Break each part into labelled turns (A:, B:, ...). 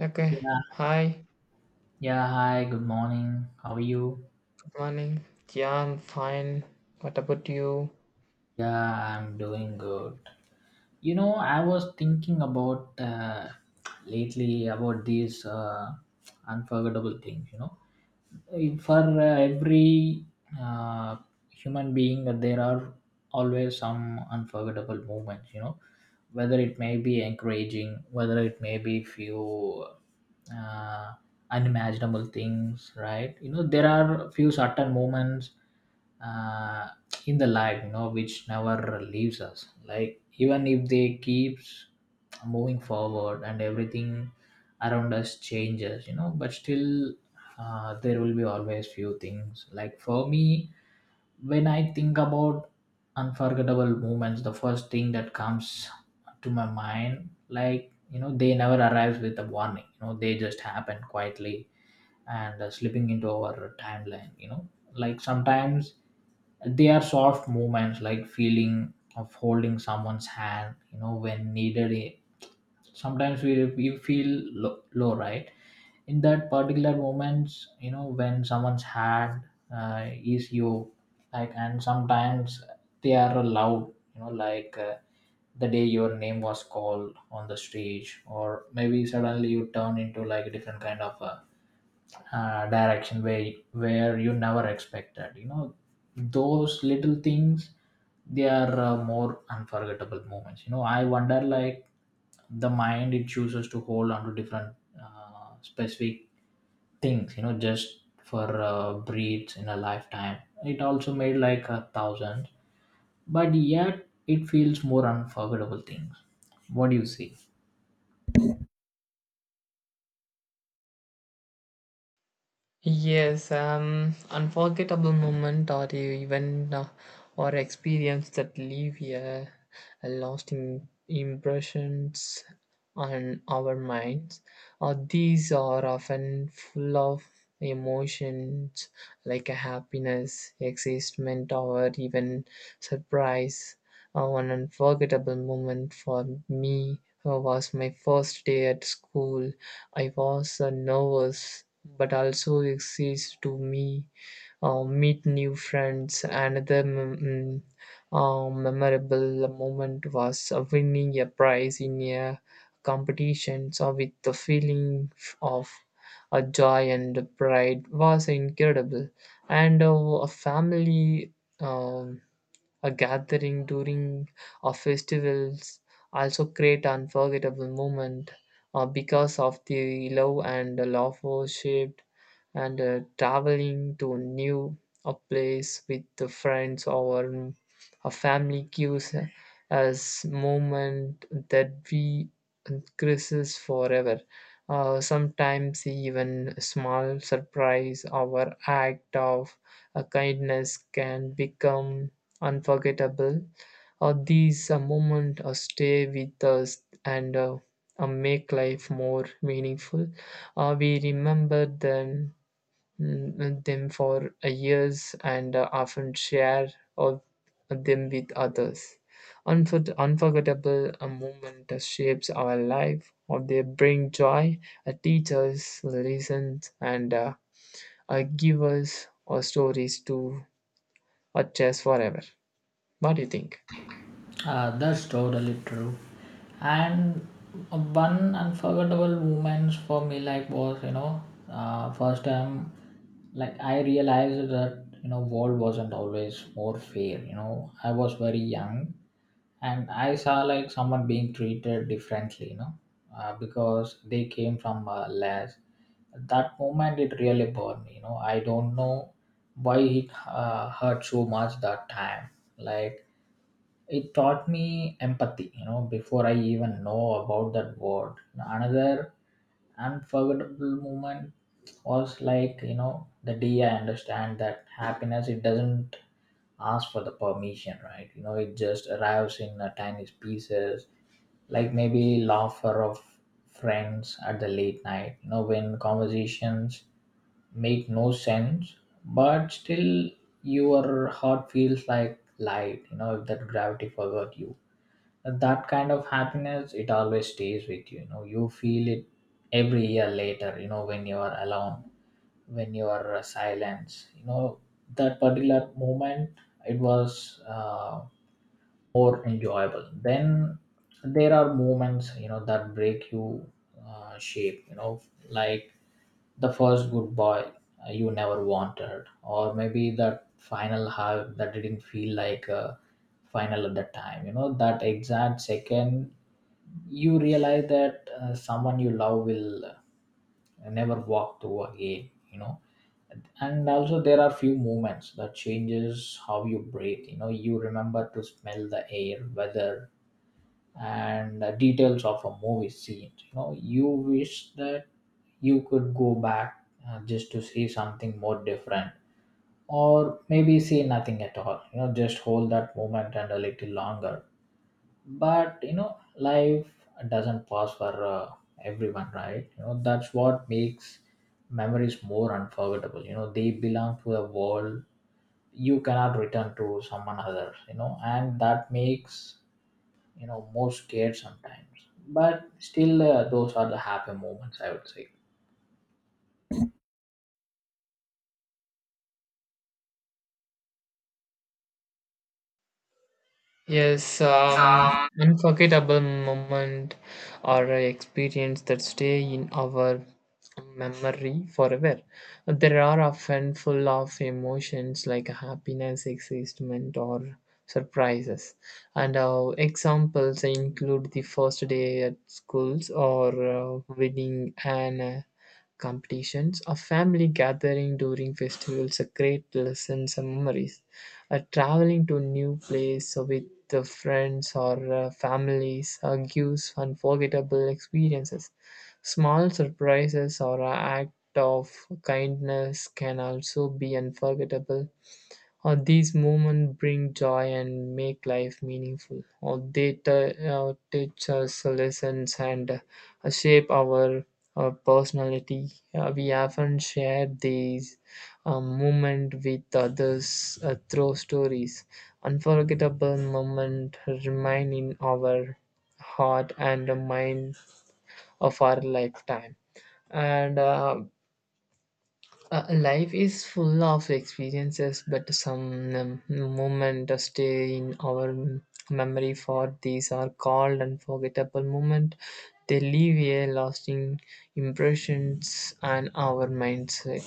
A: Okay.
B: Yeah,
A: Hi.
B: yeah, hi, good morning. How are you?
A: Good morning. Yeah, I'm fine. What about you?
B: Yeah, I'm doing good. I was thinking about lately about these unforgettable things. For every uh, human being, there are always some unforgettable moments, whether it may be encouraging, whether it may be few uh, unimaginable things, right. There are few certain moments uh, in the life which never leaves us, like even if they keeps moving forward and everything around us changes, but still there will be always few things, like for me when I think about unforgettable moments, the first thing that comes to my mind, like, they never arrives with a warning. They just happen quietly, and slipping into our timeline. Like sometimes they are soft moments, like feeling of holding someone's hand when needed. Sometimes we feel low, low, right, in that particular moments, when someone's hand is you like. And sometimes they are loud, like the day your name was called on the stage, or maybe suddenly you turn into like a different kind of direction where you never expected. You know, those little things, they are more unforgettable moments. I wonder like the mind it chooses to hold on to different specific things. Just for breeds in a lifetime. It also made like a thousand, but yet it feels more unforgettable things. What do you see?
A: Yes. Unforgettable moment or the event or experience that leave a lasting impressions on our minds. Or these are often full of emotions like a happiness, excitement, or even surprise. One unforgettable moment for me was my first day at school. I was nervous but also excited to me meet new friends. Another mm, memorable moment was winning a prize in a competition. So with the feeling of joy and pride was incredible, and a family. um a gathering during a festivals also create unforgettable moment because of the love and laughter shaped and traveling to a new a place with the friends or a family gives us moment that we increases forever. Sometimes even a small surprise or act of a kindness can become unforgettable. These moments stay with us and make life more meaningful. We remember them for years and often share of them with others. Unforgettable moment shapes our life, or they bring joy, teach us lessons, and give us stories to chase forever. What do you think?
B: That's totally true. And one unforgettable moments for me, like, was, first time, like I realized that world wasn't always more fair. I was very young and I saw like someone being treated differently. Because they came from less. That moment it really burned me. I don't know why it hurt so much that time. Like, it taught me empathy before I even know about that word. Another unforgettable moment was, like, the day I understand that happiness, it doesn't ask for the permission, right. It just arrives in the tiniest pieces, like maybe laughter of friends at the late night, when conversations make no sense, but still your heart feels like light, if that gravity forgot you. And that kind of happiness, it always stays with you you know You feel it every year later, when you are alone, when you are silence. That particular moment, it was more enjoyable then. There are moments that break you, shape you know Like the first goodbye you never wanted, or maybe that final hug that didn't feel like a final at that time. That exact second you realize that someone you love will never walk through again. And also there are few moments that changes how you breathe. You remember to smell the air, weather, and the details of a movie scene. You wish that you could go back, just to see something more different, or maybe see nothing at all. Just hold that moment and a little longer. But life doesn't pass for everyone, right. That's what makes memories more unforgettable. They belong to a world you cannot return to, someone other. And that makes, more scared sometimes, but still those are the happy moments, I would say.
A: Yes, unforgettable moment or a experience that stay in our memory forever. There are often full of emotions like happiness, excitement, or surprises. And our examples include the first day at schools or winning an competitions, a family gathering during festivals, a great lessons and memories. Traveling to new place with the friends or families gives unforgettable experiences. Small surprises or an act of kindness can also be unforgettable . These moments bring joy and make life meaningful. Or they teach us lessons and shape our personality. We often share these moments with others through stories. Unforgettable moments remain in our heart and mind of our lifetime and life is full of experiences, but some moments stay in our memory. For these are called unforgettable moments. They leave a lasting impressions on our mindset.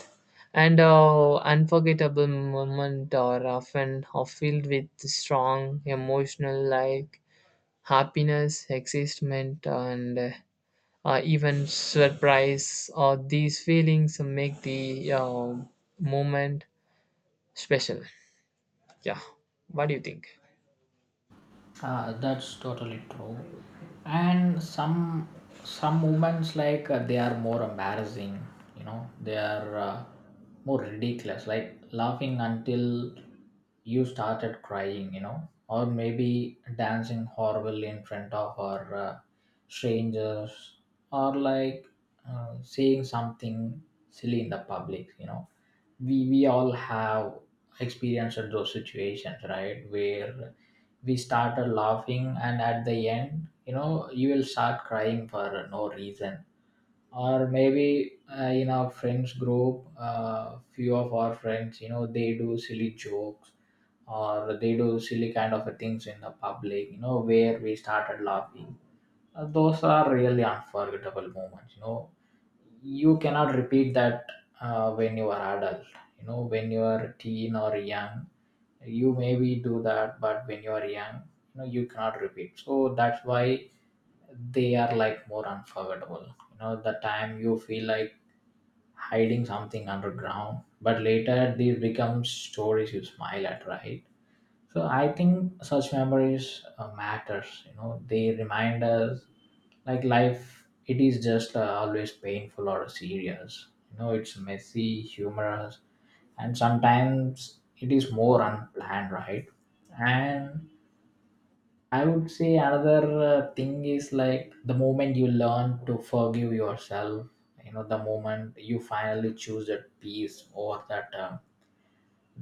A: And unforgettable moments are often are filled with strong emotional, like happiness, excitement, and even surprise or these feelings make the moment special. Yeah. What do you think?
B: That's totally true. And some moments, like they are more embarrassing, you know, they are more ridiculous, like laughing until you started crying, you know, or maybe dancing horrible in front of our strangers, or like saying something silly in the public. We all have experienced those situations, right, where we started laughing and at the end, you will start crying for no reason. Or maybe in our friends group, few of our friends, they do silly jokes, or they do silly kind of things in the public, where we started laughing. Those are really unforgettable moments. You cannot repeat that when you are adult. When you are teen or young, you maybe do that, but when you are young, you cannot repeat, so that's why they are like more unforgettable. The time you feel like hiding something underground, but later these become stories you smile at, right. So I think such memories matters. They remind us like life, it is just always painful or serious. It's messy, humorous, and sometimes it is more unplanned, right. And I would say another thing is, like the moment you learn to forgive yourself, the moment you finally choose that peace, or that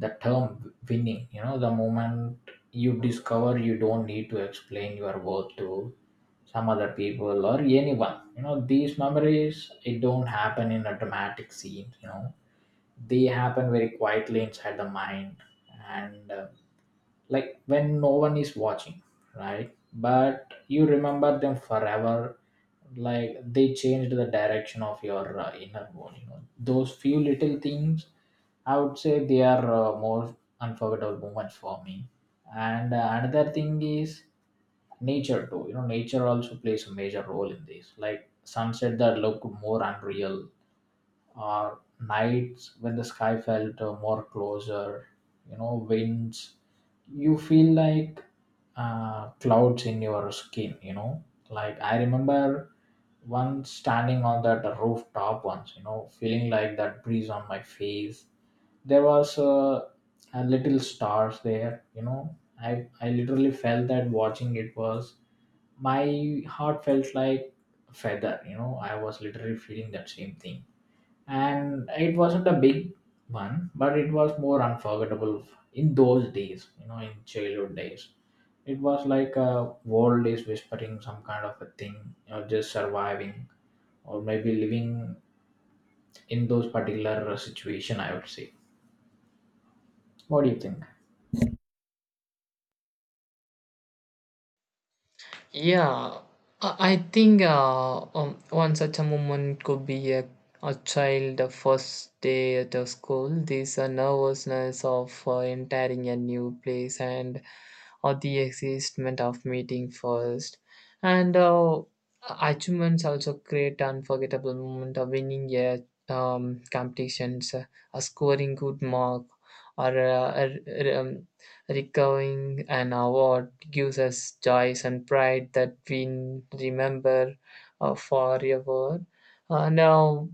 B: the term winning. The moment you discover you don't need to explain your worth to some other people or anyone. These memories, it don't happen in a dramatic scene. They happen very quietly inside the mind, and like when no one is watching, right. But you remember them forever, like they changed the direction of your inner world. Those few little things, I would say they are more unforgettable moments for me. And another thing is nature too. Nature also plays a major role in this, like sunset that look more unreal, or nights when the sky felt more closer, you know, winds. You feel like clouds in your skin, you know. Like I remember once standing on that rooftop once, you know, feeling like that breeze on my face. There was a little stars there, you know. I literally felt that watching it was my heart felt like a feather, you know. I was literally feeling that same thing, and it wasn't a big one but it was more unforgettable in those days. In childhood days, it was like a world is whispering some kind of a thing. Just surviving, or maybe living in those particular situation, I would say. What do you think?
A: Yeah, I think one such a moment could be a child first day at a school. This nervousness of entering a new place and or the excitement of meeting first, and achievements also create unforgettable moment of winning a competitions, scoring good mark, or recovering an award gives us joy and pride that we remember forever. Now,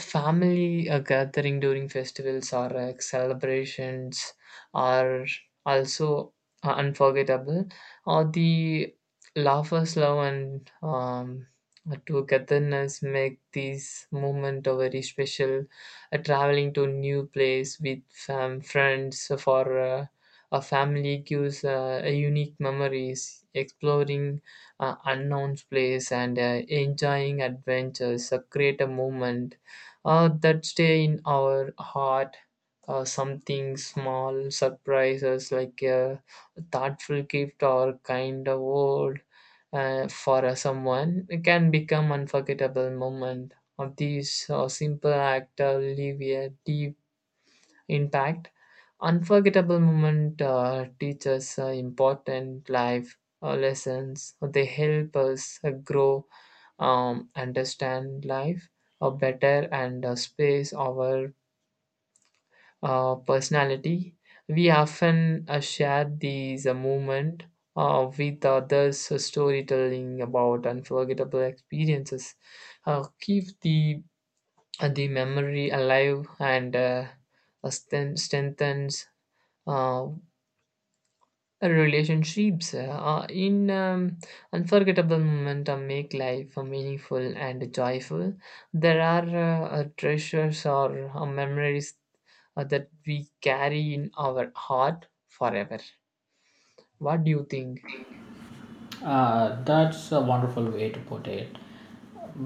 A: family gathering during festivals or celebrations are also unforgettable. Or the laughers, love, and togetherness make these moment a very special. Traveling to new place with friends for a family gives a unique memories. Exploring unknown place and enjoying adventures create a moment that stay in our heart. Something small surprises like a thoughtful gift or kind of word for someone can become unforgettable moment. Of these simple act leave a deep intact. Unforgettable moment teach us important life lessons. They help us grow, understand life better, and space our personality. We often share these moment with others. Storytelling about unforgettable experiences keep the memory alive and strengthens uh, relationships in unforgettable moment make life meaningful and joyful. There are treasures or memories that we carry in our heart forever. What do you think?
B: That's a wonderful way to put it.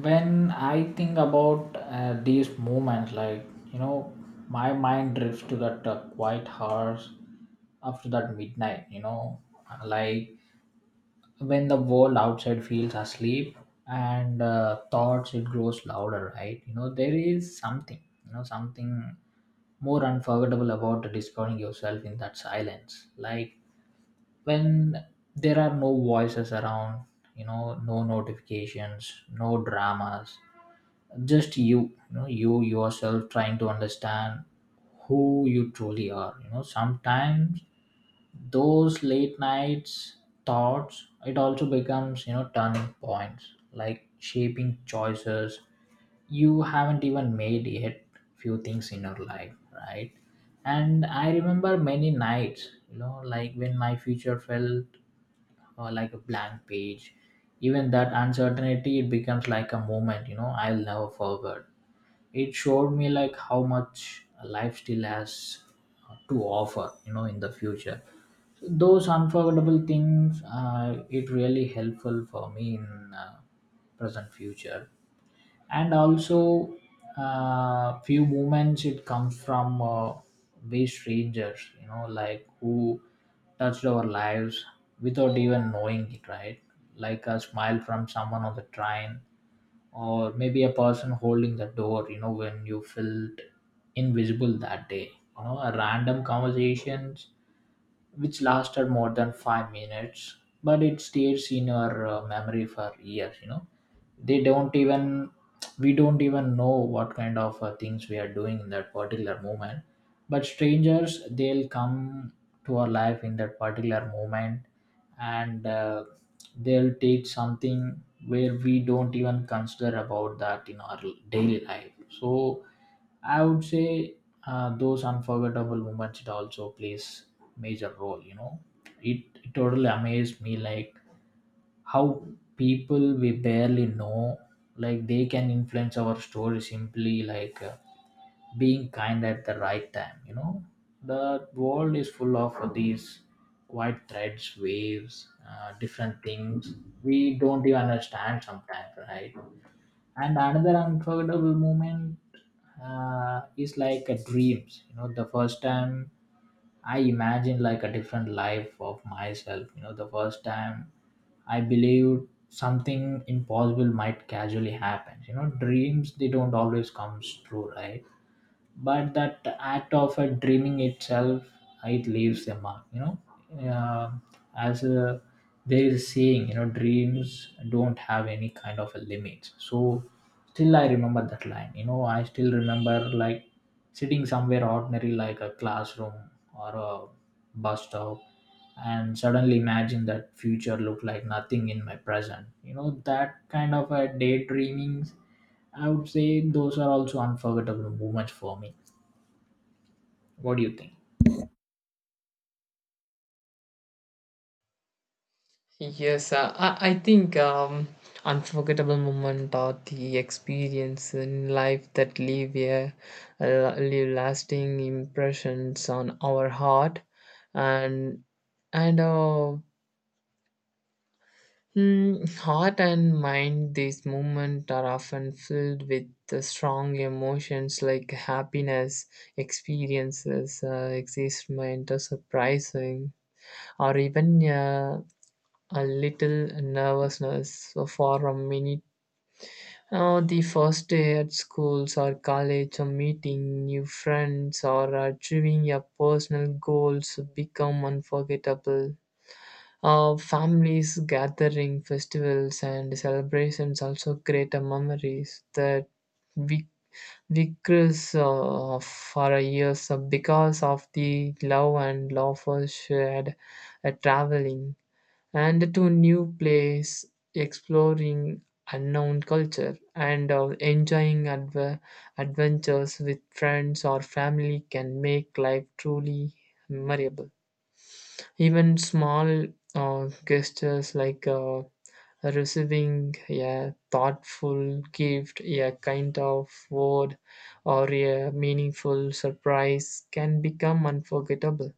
B: When I think about these moments, like you know my mind drifts to that quiet hours after that midnight. Like when the world outside feels asleep, and thoughts it grows louder, right. There is something, something more unforgettable about discovering yourself in that silence. Like when there are no voices around, no notifications, no dramas, just you. You know You yourself trying to understand who you truly are. Sometimes those late nights thoughts, it also becomes, turning points, like shaping choices you haven't even made yet, few things in your life, right. And I remember many nights, like when my future felt like a blank page. Even that uncertainty, it becomes like a moment, I'll never forget. It showed me like how much life still has to offer. In the future, those unforgettable things, it really helpful for me in present future. And also few moments it comes from we strangers. Like who touched our lives without even knowing it, right. Like a smile from someone on the train, or maybe a person holding the door, when you felt invisible that day. A random conversations which lasted more than 5 minutes, but it stays in your memory for years. They don't even, we don't even know what kind of things we are doing in that particular moment. But strangers, they'll come to our life in that particular moment. And they'll take something where we don't even consider about that in our daily life. So I would say those unforgettable moments, it also plays major role. It totally amazed me, like how people we barely know, like they can influence our story simply, like being kind at the right time. The world is full of these quiet threads waves, different things we don't even understand sometimes, right. And another unforgettable moment is like a dreams. The first time I imagined like a different life of myself, the first time I believed something impossible might casually happen. Dreams, they don't always come true, right. But that act of dreaming itself, it leaves a mark, Um as a, there is a saying, dreams don't have any kind of a limit, so Still I remember that line. I still remember, like sitting somewhere ordinary, like a classroom or a bus stop, and suddenly imagine that future look like nothing in my present. That kind of a daydreaming, I would say. Those are also unforgettable moments for me. What do you think?
A: Yes, I think unforgettable moment or the experience in life that leave a leave lasting impressions on our heart and and uh, heart and mind. These moments are often filled with the strong emotions like happiness, experiences, excitement, or surprising, or even a little nervousness for a minute. Oh, the first day at schools or college, or meeting new friends, or achieving your personal goals become unforgettable. Families, gathering, festivals, and celebrations also create a memories that we vicars for a years because of the love and laughter shared at traveling and to new place, exploring unknown culture, and enjoying adventures with friends or family can make life truly memorable. Even small gestures like receiving a thoughtful gift, a kind of word, or a meaningful surprise can become unforgettable.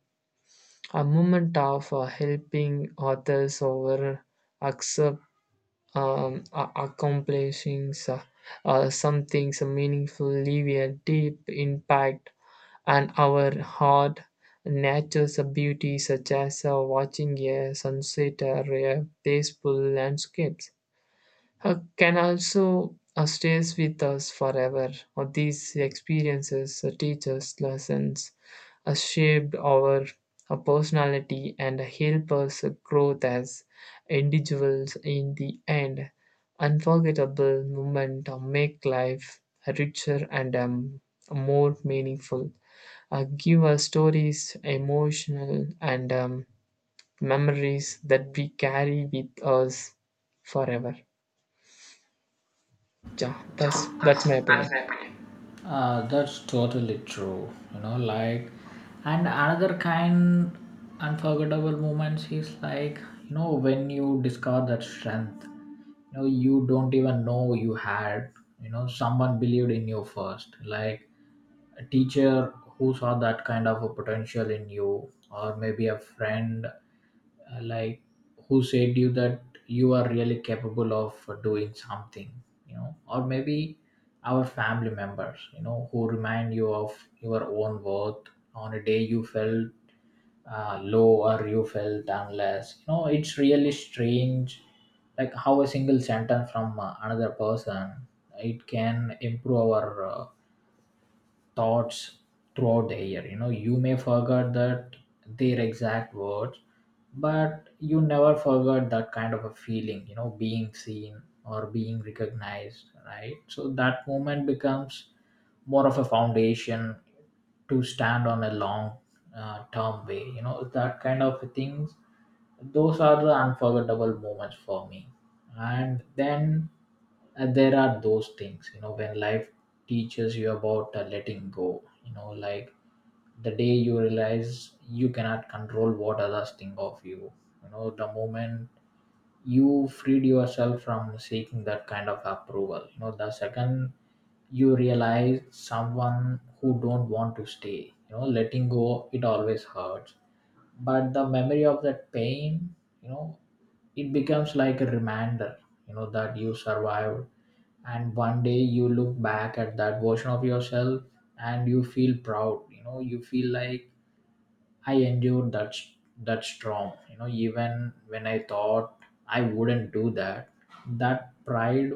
A: A moment of helping others over accept accomplishing something so meaningful, leave a deep impact on our heart. Nature's beauty, such as watching a sunset or a peaceful landscape, can also stays with us forever. Or these experiences teach us lessons, shaped our personality, and help us grow as individuals. In the end, unforgettable moments make life richer and more meaningful. Give us stories, emotional, and memories that we carry with us forever. Yeah, that's
B: That's
A: my opinion.
B: my opinion. That's totally true. You know, like, and another kind unforgettable moments is like, when you discover that strength, you don't even know you had. You know, someone believed in you first, like a teacher who saw that kind of a potential in you, or maybe a friend. Like who said you that you are really capable of doing something, or maybe our family members, who remind you of your own worth on a day you felt low, or you felt unless. It's really strange, like how a single sentence from another person, it can improve our thoughts throughout the year. You may forget that their exact words, but you never forget that kind of a feeling, being seen or being recognized, right? So that moment becomes more of a foundation to stand on a long term way. That kind of things, those are the unforgettable moments for me. And then there are those things, you know, when life teaches you about letting go, you know, like the day you realize you cannot control what others think of you, you know, the moment you freed yourself from seeking that kind of approval. The second you realize someone who don't want to stay, letting go, it always hurts. But the memory of that pain, you know it becomes like a reminder, that you survived. And one day you look back at that version of yourself and you feel proud. You feel like I endured that storm, you know, even when I thought I wouldn't do that. That pride,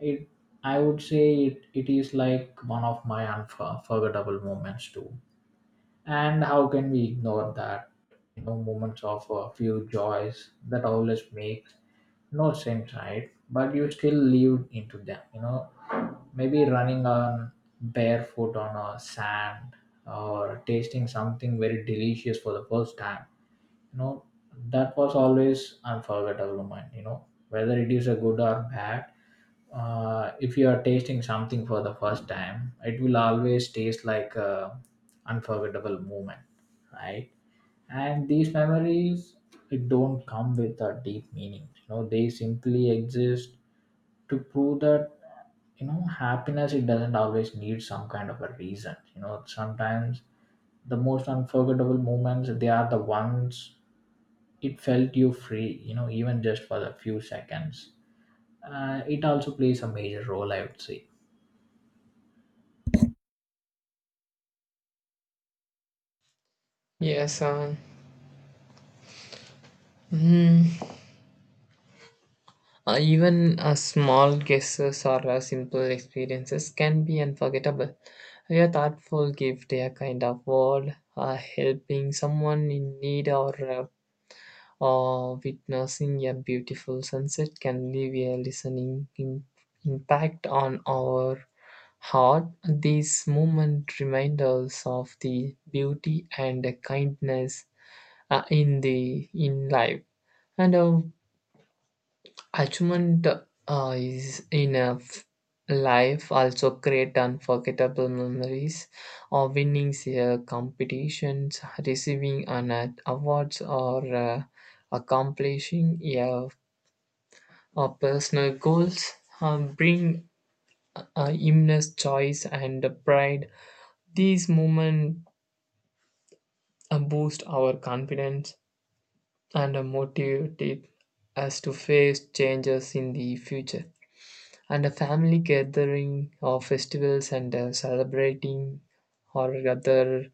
B: it, I would say it is like one of my unforgettable moments too. And how can we ignore that, you know, moments of a few joys that always make no sense, right? But you still live into them, you know, maybe running on barefoot on a sand, or tasting something very delicious for the first time, you know, that was always unforgettable moment. You know, whether it is a good or bad, if you are tasting something for the first time, it will always taste like a unforgettable moment, right? And these memories, it don't come with a deep meaning. They simply exist to prove that, you know, happiness, it doesn't always need some kind of a reason. You know, sometimes the most unforgettable moments, they are the ones it felt you free, even just for the few seconds. It also plays a major role, I would say.
A: Yes, mm, even small guesses or simple experiences can be unforgettable. A thoughtful gift, a kind of word, helping someone in need, or witnessing a beautiful sunset can leave a listening impact on our heart. These moments remind us of the beauty and kindness in the in life and achievement is enough. Life also create unforgettable memories of winning competitions receiving an awards or uh, accomplishing a personal goals, bring immense joy and pride. These moments boost our confidence and motivated us to face changes in the future. And a family gathering or festivals and celebrating or other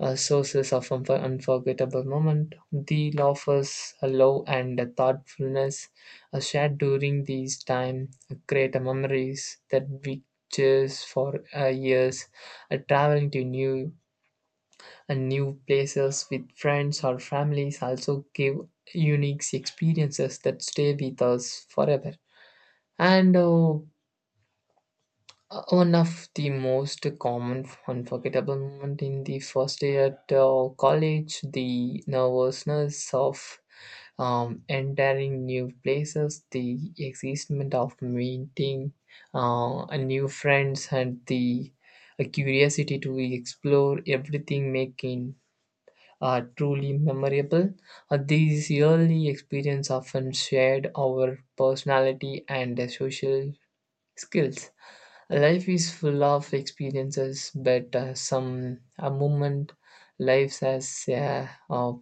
A: sources of unforgettable moment. The laughers, a love and a thoughtfulness are shared during these time create a memories that we cherish for years. Traveling to new and new places with friends or families also give unique experiences that stay with us forever. And one of the most common unforgettable moment in the first year at college, the nervousness of entering new places, the excitement of meeting a new friends, and the a curiosity to explore everything making are truly memorable. These yearly experiences often shared our personality and social skills. Life is full of experiences, but some a moment lives as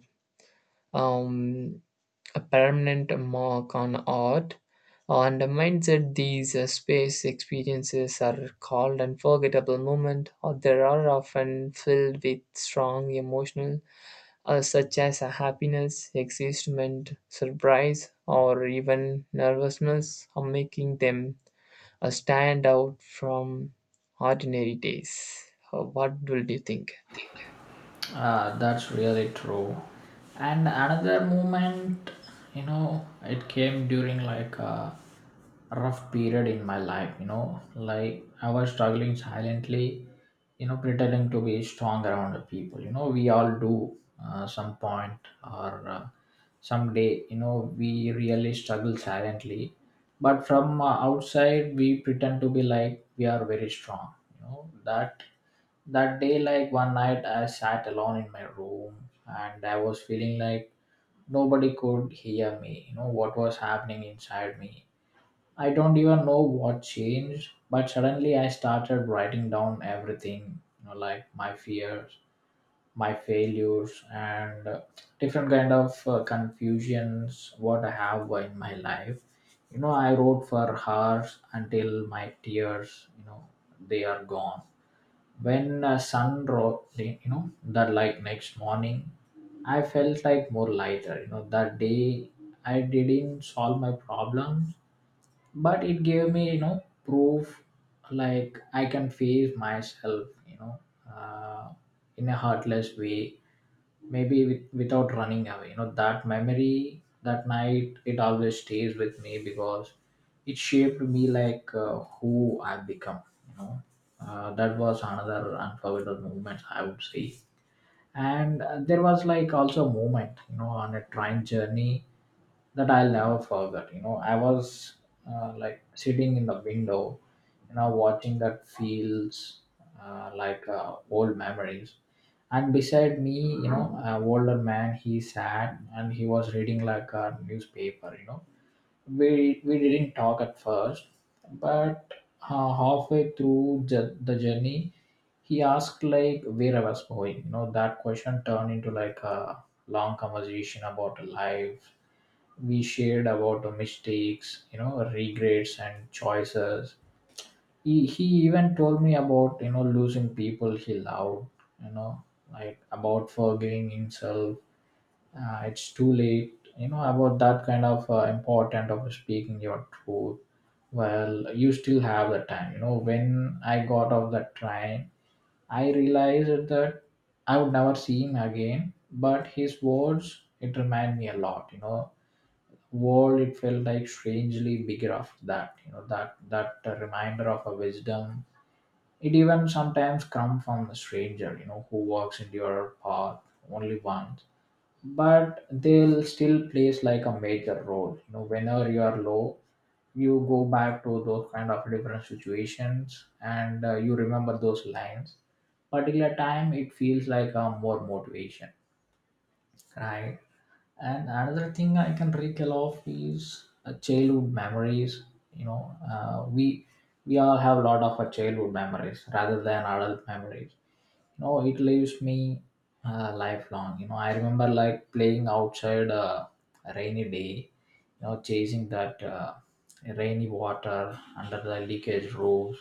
A: um, a permanent mark on art. On the mindset, these space experiences are called unforgettable moments, or they are often filled with strong emotional such as happiness, excitement, surprise, or even nervousness, are making them stand out from ordinary days. What will you think?
B: That's really true. And another moment, it came during like a rough period in my life. You know, like I was struggling silently, you know, pretending to be strong around the people. You know, we all do some point or someday. We really struggle silently, but from outside we pretend to be like we are very strong. That day, like one night, I sat alone in my room and I was feeling like nobody could hear me. What was happening inside me, I don't even know what changed, but suddenly I started writing down everything. Like my fears, my failures, and different kind of confusions what I have in my life. I wrote for hours until my tears, they are gone. When sun rose, that like next morning, I felt like more lighter. You know, that day I didn't solve my problems, but it gave me, proof, like I can face myself, uh, in a heartless way, maybe with, without running away. That memory, that night, it always stays with me because it shaped me like who I've become, you know that was another unforgettable moment, I would say. And there was like also a moment, you know, on a train journey that I'll never forget. You know, I was like sitting in the window, you know, watching that feels like old memories. And beside me, you know, an older man, he sat and he was reading like a newspaper. You know, we didn't talk at first, but halfway through the journey, he asked like where I was going. You know, that question turned into like a long conversation about life. We shared about our mistakes, regrets and choices. He even told me about, you know, losing people he loved. you know like about forgiving himself, it's too late. You know, about that kind of important of speaking your truth, well, you still have the time. You know, when I got off the train, I realized that I would never see him again, but his words, it reminded me a lot. World, it felt like strangely bigger after that. That reminder of a wisdom, it even sometimes come from a stranger, who walks into your path only once, but they'll still plays like a major role. Whenever you are low, you go back to those kind of different situations, and you remember those lines. Particular time, it feels like a more motivation, right? And another thing I can recall of is childhood memories. You know, we all have a lot of our childhood memories rather than adult memories. You know, it leaves me lifelong. You know, I remember like playing outside a rainy day. You know, chasing that rainy water under the leakage roofs.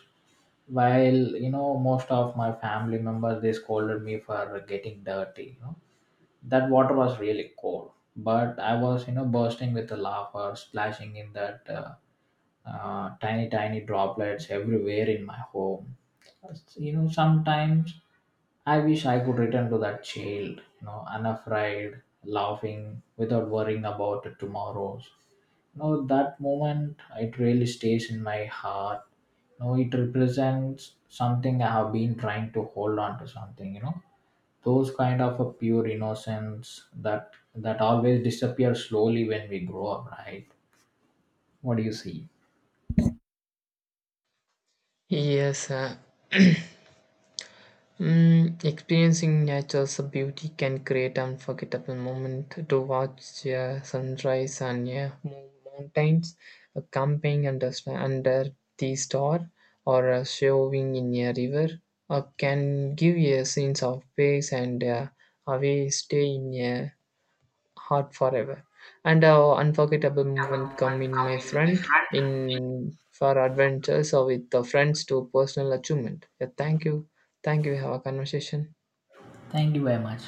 B: While, you know, most of my family members, they scolded me for getting dirty. You know, that water was really cold, but I was, you know, bursting with the laughter splashing in that tiny tiny droplets everywhere in my home. You know, sometimes I wish I could return to that child. You know, unafraid, laughing without worrying about the tomorrows. You know, that moment, it really stays in my heart. You know, it represents something I have been trying to hold on to something. You know, those kind of a pure innocence that always disappear slowly when we grow up, right? What do you see?
A: Yes, experiencing nature's beauty can create unforgettable moments to watch a sunrise on a mountains, a camping under, under the star, or a showing in a river, or can give you a sense of peace and away stay in a heart forever. And a unforgettable
B: Have a
A: moment come
B: moment
A: in my
B: come in, my
A: friend
B: friend.
A: in for adventures or with the friends to personal achievement. Yeah, thank you. Thank you. We have a conversation.
B: Thank you very much.